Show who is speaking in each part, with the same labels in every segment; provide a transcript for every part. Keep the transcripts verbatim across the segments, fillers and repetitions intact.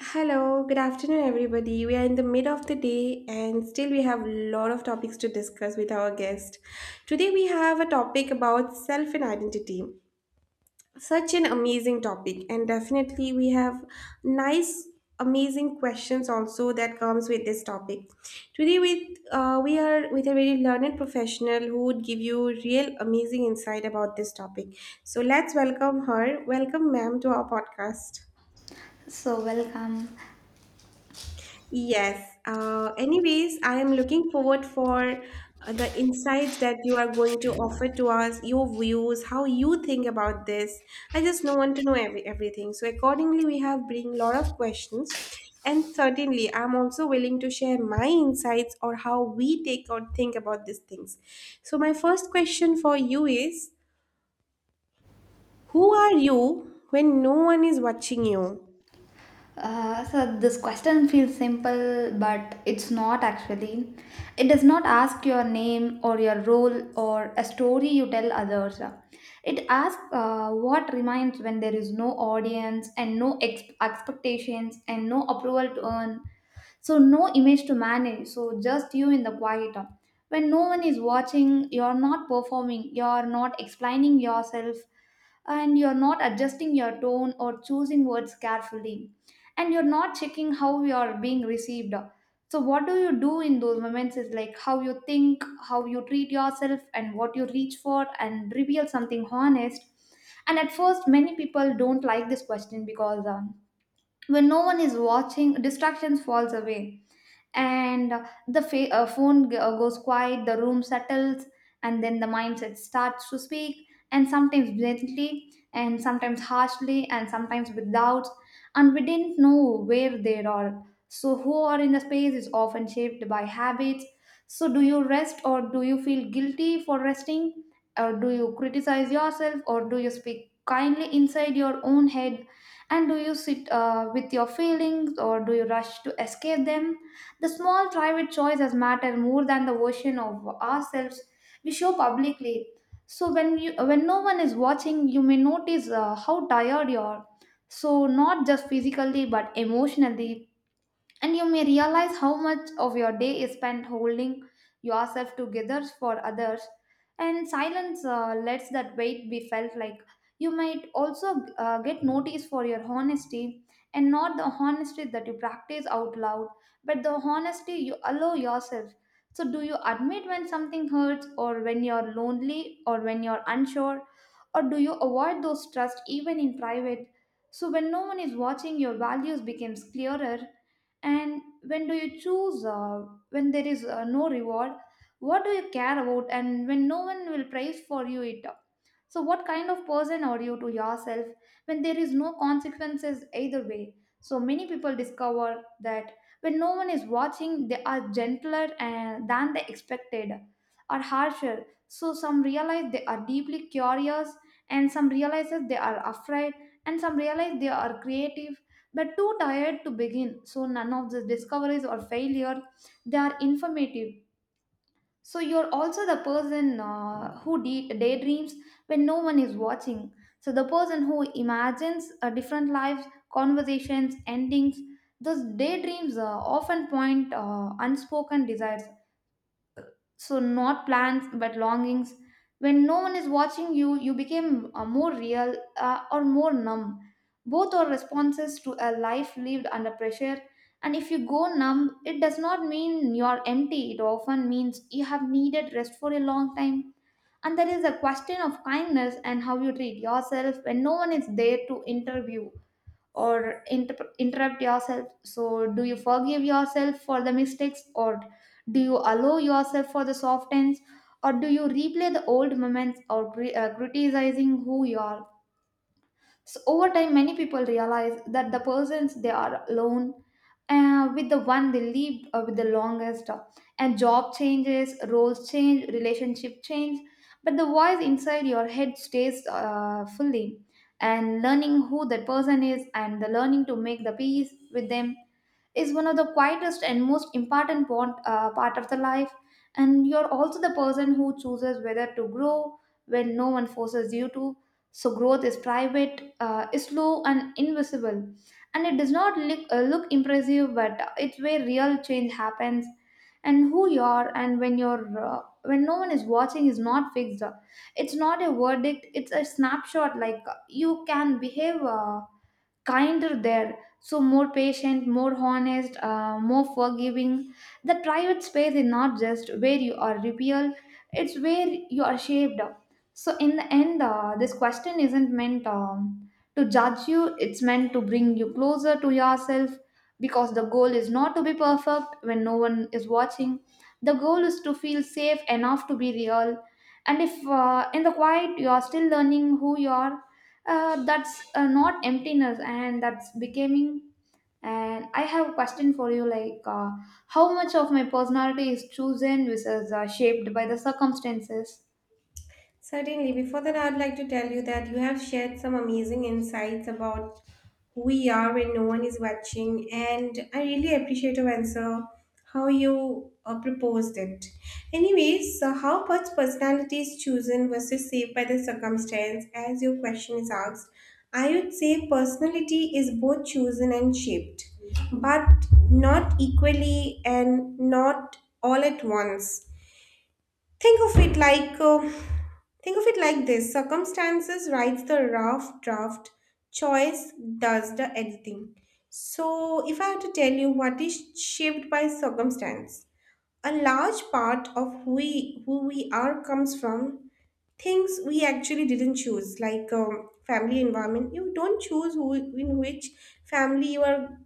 Speaker 1: Hello, good afternoon, everybody. We are in the mid of the day and still we have a lot of topics to discuss with our guest. Today we have a topic about self and identity. Such an amazing topic, and definitely we have nice, amazing questions also that comes with this topic. Today with uh, we are with a very learned professional who would give you real amazing insight about this topic. So let's welcome her. Welcome, ma'am, to our podcast.
Speaker 2: So, welcome.
Speaker 1: Yes. Uh, anyways, I am looking forward for uh, the insights that you are going to offer to us, your views, how you think about this. I just know, want to know every, everything. So accordingly, we have bring lot of questions, and certainly, I'm also willing to share my insights or how we take or think about these things. So my first question for you is, who are you when no one is watching you?
Speaker 2: Uh, so this question feels simple, but it's not actually. It does not ask your name or your role or a story you tell others. It asks uh, what remains when there is no audience and no ex- expectations and no approval to earn. So no image to manage. So just you in the quiet. When no one is watching, you're not performing, you're not explaining yourself, and you're not adjusting your tone or choosing words carefully, and you're not checking how you're being received. So what do you do in those moments is like how you think, how you treat yourself, and what you reach for and reveal something honest. And at first many people don't like this question because um, when no one is watching, distractions falls away, and uh, the fa- uh, phone g- uh, goes quiet, the room settles, and then the mindset starts to speak, and sometimes bluntly, and sometimes harshly, and sometimes with doubts, and we didn't know where they are. So who are in the space is often shaped by habits. So do you rest or do you feel guilty for resting, or do you criticize yourself, or do you speak kindly inside your own head, and do you sit uh, with your feelings, or do you rush to escape them? The small private choices matter more than the version of ourselves we show publicly. So when you when no one is watching, you may notice uh, how tired you are. So not just physically but emotionally, and you may realize how much of your day is spent holding yourself together for others, and silence uh, lets that weight be felt. Like, you might also uh, get noticed for your honesty, and not the honesty that you practice out loud, but the honesty you allow yourself. So do you admit when something hurts, or when you're lonely, or when you're unsure, or do you avoid those trust even in private? So when no one is watching, your values becomes clearer. And when do you choose uh, when there is uh, no reward, what do you care about, and when no one will praise for you it? So what kind of person are you to yourself when there is no consequences either way? So many people discover that when no one is watching, they are gentler and, than they expected, or harsher. So some realize they are deeply curious, and some realizes they are afraid, and some realize they are creative but too tired to begin. So none of the discoveries or failure, they are informative. So you're also the person uh, who de- daydreams when no one is watching. So the person who imagines uh, different lives, conversations, endings. Those daydreams uh, often point uh, unspoken desires. So not plans but longings. When no one is watching, you you became uh, more real uh, or more numb. Both are responses to a life lived under pressure, and if you go numb, it does not mean you're empty. It often means you have needed rest for a long time. And there is a question of kindness and how you treat yourself when no one is there to interview or inter- interrupt yourself. So do you forgive yourself for the mistakes, or do you allow yourself for the soft ends, or do you replay the old moments or cri- uh, criticizing who you are? So over time, many people realize that the persons they are alone uh, with, the one they lived uh, with the longest, uh, and job changes, roles change, relationship change, but the voice inside your head stays uh, fully. And learning who that person is, and the learning to make the peace with them is one of the quietest and most important part, uh, part of the life. And you're also the person who chooses whether to grow when no one forces you to. So growth is private, uh, is slow and invisible, and it does not look, uh, look impressive, but it's where real change happens. And who you are and when you're uh, when no one is watching is not fixed. It's not a verdict, it's a snapshot. Like, uh, you can behave uh, kinder there, so more patient, more honest, uh, more forgiving. The private space is not just where you are revealed, it's where you are shaped. So in the end, uh, this question isn't meant um, to judge you, it's meant to bring you closer to yourself, because the goal is not to be perfect when no one is watching. The goal is to feel safe enough to be real. And if uh, in the quiet you are still learning who you are, uh, that's uh, not emptiness, and that's becoming. And I have a question for you, like, uh, how much of my personality is chosen versus uh, shaped by the circumstances?
Speaker 1: Certainly. Before that, I'd like to tell you that you have shared some amazing insights about who we are when no one is watching, and I really appreciate your answer, how you uh, proposed it. Anyways, so how much personality is chosen versus saved by the circumstance, as your question is asked, I would say personality is both chosen and shaped, but not equally and not all at once. Think of it like uh, Think of it like this, circumstances writes the rough draft, choice does the editing. So, if I had to tell you what is shaped by circumstance, a large part of who we, who we are comes from things we actually didn't choose, like um, family environment. You don't choose who, in which family you are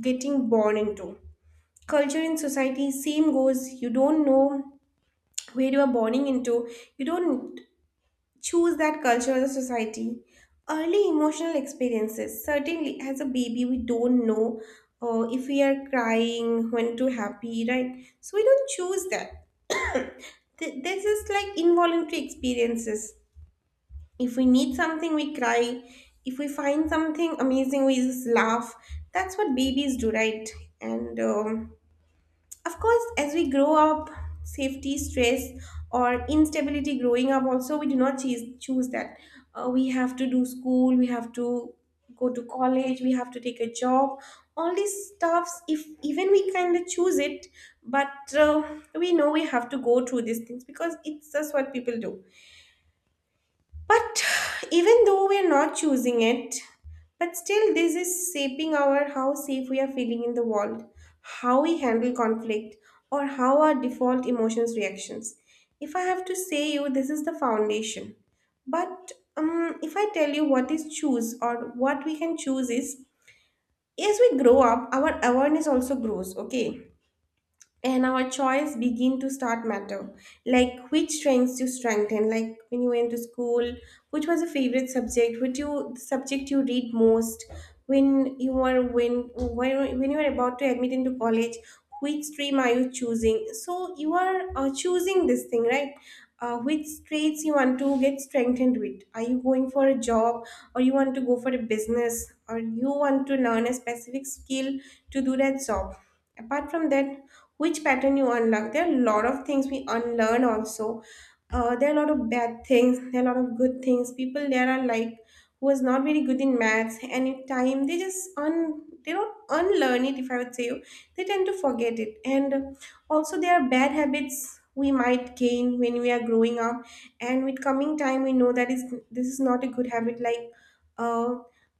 Speaker 1: getting born into. Culture in society, same goes. You don't know where you are born into. You don't choose that culture or the society. Early emotional experiences. Certainly, as a baby, we don't know uh, if we are crying, when to happy, right? So we don't choose that. Th- This is like involuntary experiences. If we need something, we cry. If we find something amazing, we just laugh. That's what babies do, right? And um, of course as we grow up, safety stress or instability growing up also we do not choose choose that. Uh, we have to do school, we have to go to college, we have to take a job, all these stuffs if even we kind of choose it, but uh, we know we have to go through these things because it's just what people do, but even though we are not choosing it, but still this is shaping our how safe we are feeling in the world, how we handle conflict, or how our default emotions reactions. If I have to say you, this is the foundation. But um, if I tell you what is choose or what we can choose is, as we grow up, our awareness also grows. Okay, and our choice begin to start matter, like which strengths you strengthen, like when you went to school, which was your favorite subject, which you the subject you read most, when you were when when when you were about to admit into college, which stream are you choosing, so you are uh, choosing this thing, right? Uh, which traits you want to get strengthened with, are you going for a job or you want to go for a business or you want to learn a specific skill to do that job. Apart from that, which pattern you unlock, there are a lot of things we unlearn also. Uh, there are a lot of bad things, there are a lot of good things people there are, like who is not very good in maths any time they just un, they don't unlearn it if I would say, they tend to forget it. And also there are bad habits we might gain when we are growing up, and with coming time we know that is this is not a good habit, like uh,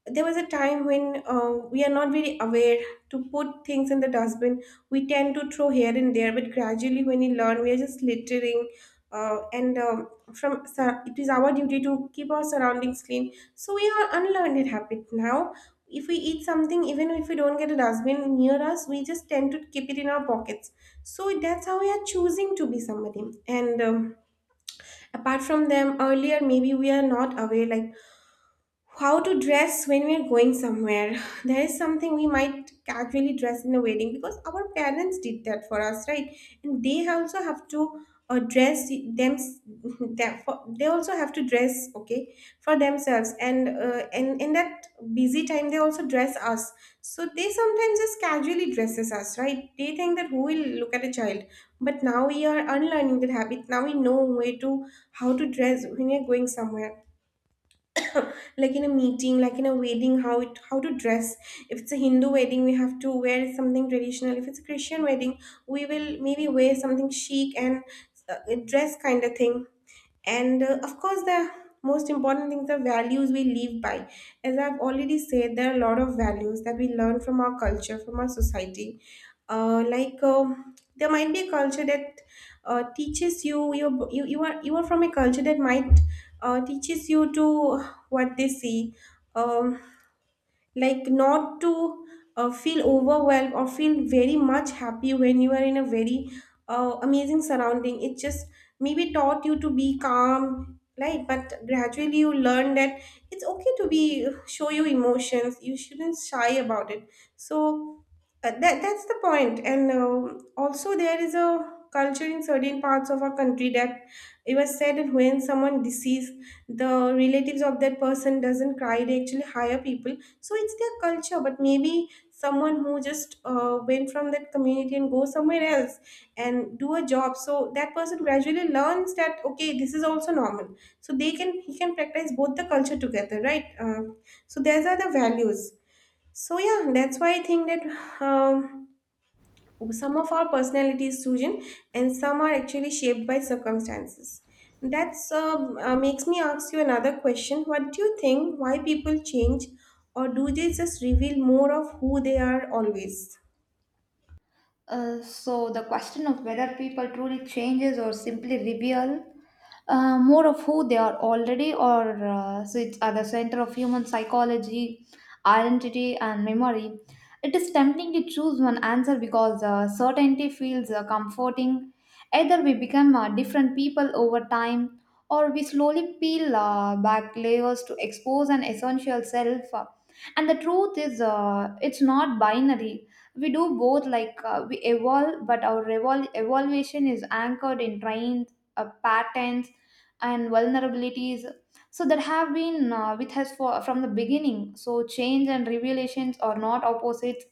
Speaker 1: there was a time when uh, we are not very aware to put things in the dustbin. We tend to throw here and there, but gradually, when we learn, we are just littering. Uh, and um, from sur- it is our duty to keep our surroundings clean. So we are unlearned that habit now. If we eat something, even if we don't get a dustbin near us, we just tend to keep it in our pockets. So that's how we are choosing to be somebody. And um, apart from them, earlier maybe we are not aware like how to dress when we are going somewhere there is something we might casually dress in a wedding because our parents did that for us, right? And they also have to uh, dress them that for, they also have to dress okay for themselves, and uh, and in that busy time they also dress us, so they sometimes just casually dresses us, right? They think that who will look at a child, but now we are unlearning that habit, now we know where to how to dress when we are going somewhere, like in a meeting, like in a wedding, how it how to dress. If it's a Hindu wedding we have to wear something traditional, if it's a Christian wedding we will maybe wear something chic and uh, dress kind of thing. And uh, of course the most important things, the values we live by. As I've already said, there are a lot of values that we learn from our culture, from our society, uh, like um, there might be a culture that uh, teaches you, you you you are you are from a culture that might uh, teaches you to what they see, um, like not to uh, feel overwhelmed or feel very much happy when you are in a very uh, amazing surrounding, it just maybe taught you to be calm, right? But gradually you learn that it's okay to be show your emotions, you shouldn't shy about it. So uh, that that's the point point. And um also there is a culture in certain parts of our country that it was said that when someone deceased, the relatives of that person doesn't cry, they actually hire people. So it's their culture, but maybe someone who just uh, went from that community and go somewhere else and do a job, so that person gradually learns that okay, this is also normal, so they can he can practice both the culture together, right? Um, so those are the values. So yeah, that's why I think that um, some of our personality is chosen, and some are actually shaped by circumstances. That's um, uh, makes me ask you another question. What do you think? Why people change, or do they just reveal more of who they are always?
Speaker 2: Uh, so the question of whether people truly changes or simply reveal uh, more of who they are already or uh, so it's at the center of human psychology, identity, and memory. It is tempting to choose one answer because uh, certainty feels uh, comforting. Either we become uh, different people over time, or we slowly peel uh, back layers to expose an essential self. Uh, and the truth is, uh, it's not binary. We do both. Like, uh, we evolve, but our evol- evolution is anchored in trains, uh, patterns, and vulnerabilities so that have been uh, with us for from the beginning. So change and revelations are not opposites,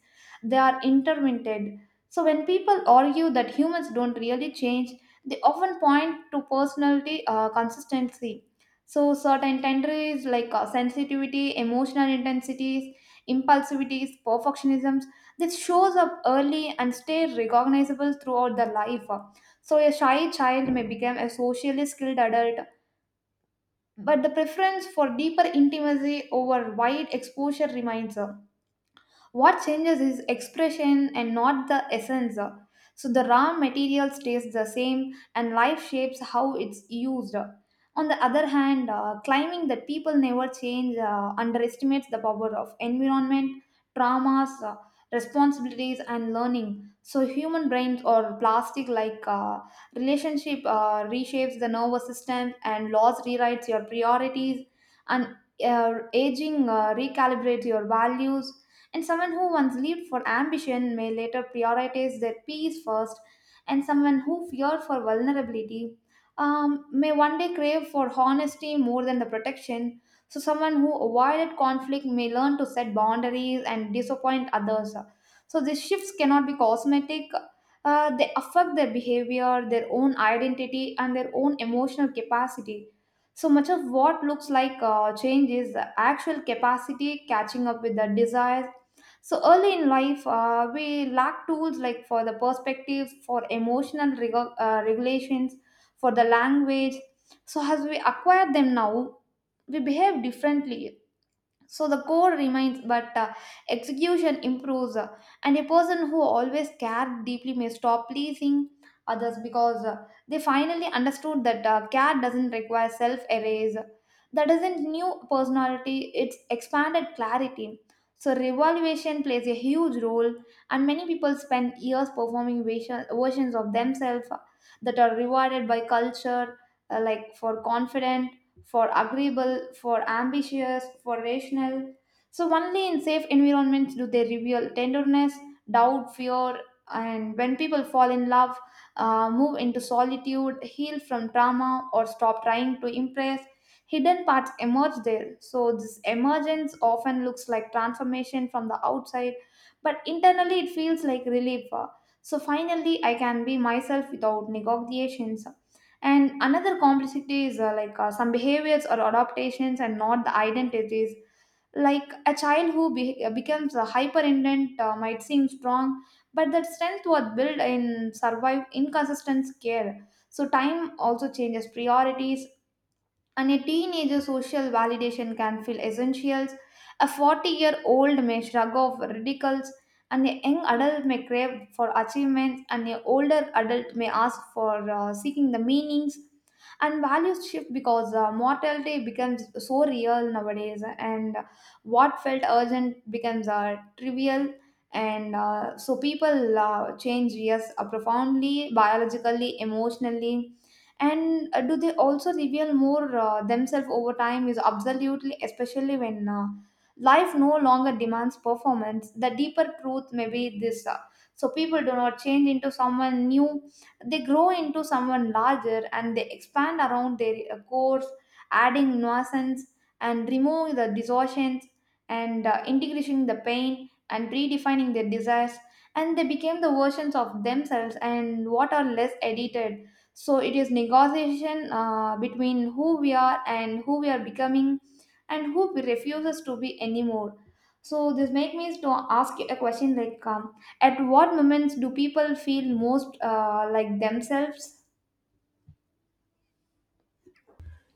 Speaker 2: they are interminted. So when people argue that humans don't really change, they often point to personality uh, consistency. So certain tendencies, like uh, sensitivity, emotional intensities, impulsivities, perfectionisms, that shows up early and stay recognizable throughout their life. So a shy child may become a socially skilled adult, but the preference for deeper intimacy over wide exposure remains. What changes is expression and not the essence. So the raw material stays the same, and life shapes how it's used. On the other hand, uh, claiming that people never change uh, underestimates the power of environment, traumas, uh, responsibilities, and learning. So human brains or plastic. Like, uh, relationship uh, reshapes the nervous system, and laws rewrites your priorities, and uh, aging uh, recalibrates your values. And someone who once lived for ambition may later prioritize their peace first, and someone who feared for vulnerability um, may one day crave for honesty more than the protection. So someone who avoided conflict may learn to set boundaries and disappoint others. So these shifts cannot be cosmetic. Uh, they affect their behavior, their own identity, and their own emotional capacity. So much of what looks like uh, change is the actual capacity catching up with the desires. So early in life, uh, we lack tools, like for the perspectives, for emotional reg- uh, regulations, for the language. So as we acquire them now, we behave differently. So the core remains, but uh, execution improves. Uh, and a person who always cared deeply may stop pleasing others because uh, they finally understood that uh, care doesn't require self erase. That isn't new personality, it's expanded clarity. So revaluation plays a huge role, and many people spend years performing version- versions of themselves that are rewarded by culture, uh, like for confidence, for agreeable, for ambitious, for rational. So only in safe environments do they reveal tenderness, doubt, fear. And when people fall in love, uh, move into solitude, heal from trauma, or stop trying to impress, hidden parts emerge there. So this emergence often looks like transformation from the outside, but internally it feels like relief. Uh, So finally, I can be myself without negotiations. And another complexity is, uh, like uh, some behaviors or adaptations and not the identities. Like a child who be- uh, becomes a hyperindent uh, might seem strong, but that strength was built in survive inconsistent care. So time also changes priorities, and a teenager social validation can feel essentials. A forty year old may shrug off ridicules, and a young adult may crave for achievements, and an older adult may ask for uh, seeking the meanings. And values shift because uh, mortality becomes so real nowadays, and what felt urgent becomes uh, trivial. And uh, so people uh, change, yes, uh, profoundly, biologically, emotionally, and uh, do they also reveal more uh, themselves over time is absolutely, especially when uh, life no longer demands performance. The deeper truth may be this: uh, so people do not change into someone new, they grow into someone larger, and they expand around their uh, cores, adding nuisance and removing the distortions, and uh, integrating the pain and redefining their desires, and they became the versions of themselves and what are less edited. So it is negotiation uh, between who we are and who we are becoming, and who we refuses to be anymore. So this make me to ask a question, like um, at what moments do people feel most uh, like themselves?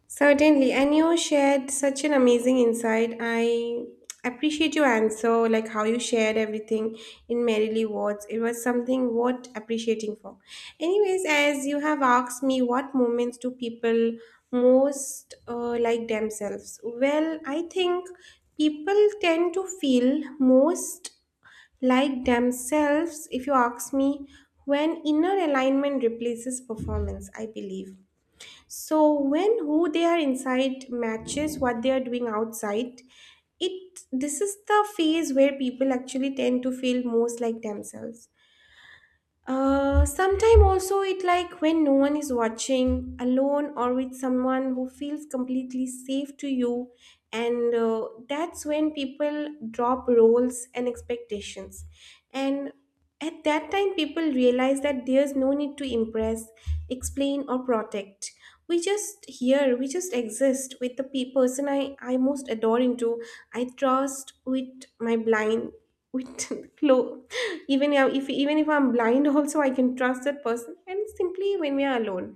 Speaker 1: Certainly, and you shared such an amazing insight. I appreciate your answer, like how you shared everything in Merrily words. It was something worth appreciating for. Anyways, as you have asked me, what moments do people most uh, like themselves? Well, I think people tend to feel most like themselves, if you ask me, when inner alignment replaces performance, I believe. So when who they are inside matches what they are doing outside, it this is the phase where people actually tend to feel most like themselves. Uh, sometime also it like when no one is watching, alone or with someone who feels completely safe to you, and uh, that's when people drop roles and expectations. And at that time, people realize that there's no need to impress, explain, or protect. We just here, we just exist with the pe- person I, I most adore into. I trust with my blind with clo, even if even if I'm blind also I can trust that person, and simply when we are alone.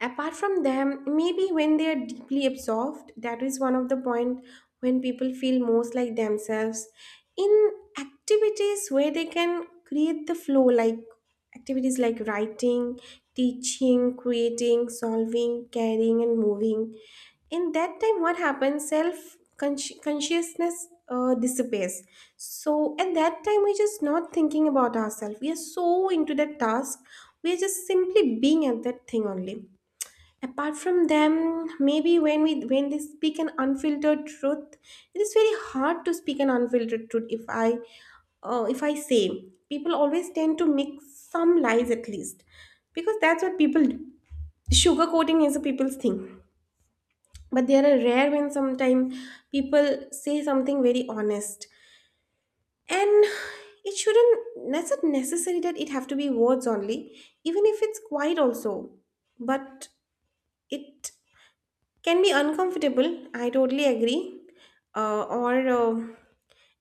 Speaker 1: Apart from them, maybe when they are deeply absorbed, that is one of the point when people feel most like themselves, in activities where they can create the flow, like activities like writing, teaching, creating, solving, caring, and moving. In that time what happens, self consci- consciousness uh, disappears. So at that time we're just not thinking about ourselves, we are so into that task, we are just simply being at that thing only. Apart from them, maybe when we when they speak an unfiltered truth, it is very hard to speak an unfiltered truth, if i uh, if I say, people always tend to make some lies at least, because that's what people do. Sugarcoating is a people's thing, but they are rare when sometimes people say something very honest, and it shouldn't that's not necessary that it have to be words only, even if it's quiet also, but it can be uncomfortable, I totally agree. Uh, or uh,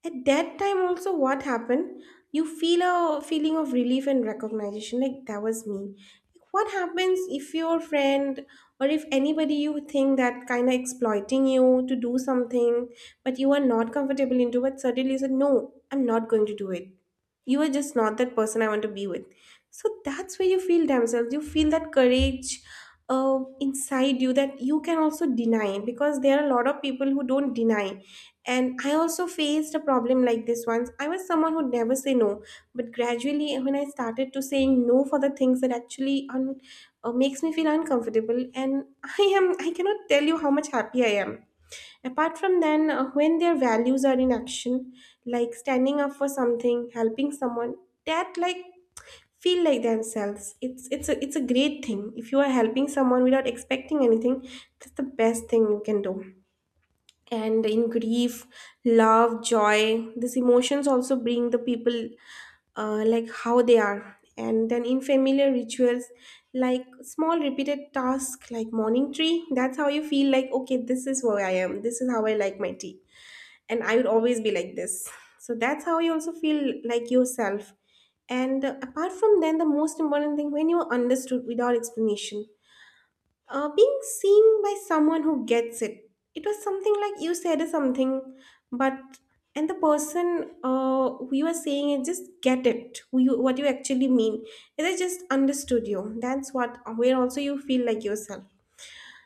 Speaker 1: at that time also what happened, you feel a feeling of relief and recognition, like that was me. Like, what happens if your friend or if anybody you think that kind of exploiting you to do something, but you are not comfortable into, but suddenly you said no, I'm not going to do it, you are just not that person I want to be with. So that's where you feel themselves, you feel that courage uh, inside you, that you can also deny, because there are a lot of people who don't deny. And I also faced a problem like this once. I was someone who never say no, but gradually when I started to saying no for the things that actually un- uh, makes me feel uncomfortable, and I am I cannot tell you how much happy I am. Apart from then, uh, when their values are in action, like standing up for something, helping someone, that like feel like themselves. It's it's a it's a great thing. If you are helping someone without expecting anything, that's the best thing you can do. And in grief, love, joy, these emotions also bring the people uh, like how they are. And then in familiar rituals, like small repeated tasks like morning tree, that's how you feel like okay, this is who I am, this is how I like my tea, and I would always be like this. So that's how you also feel like yourself. And uh, apart from then, the most important thing, when you are understood without explanation, uh, being seen by someone who gets it, it was something like you said something, but and the person uh, who you are saying it just get it, who you, what you actually mean, they just understood you. That's what where also you feel like yourself.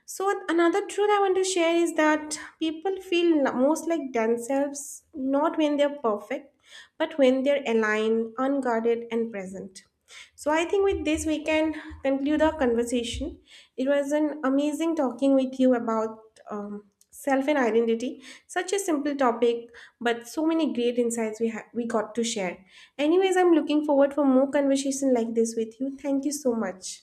Speaker 1: So another truth I want to share is that people feel most like themselves not when they're perfect, but when they're aligned, unguarded, and present. So I think with this we can conclude our conversation. It was an amazing talking with you about um, self and identity. Such a simple topic, but so many great insights we ha- we got to share. Anyways, I'm looking forward for more conversation like this with you. Thank you so much.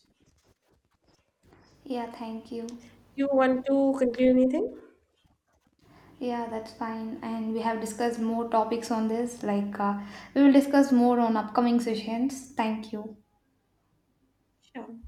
Speaker 2: Yeah, thank you.
Speaker 1: Do you want to conclude anything?
Speaker 2: Yeah, that's fine, and we have discussed more topics on this, like, uh, we will discuss more on upcoming sessions. Thank you.
Speaker 1: Sure.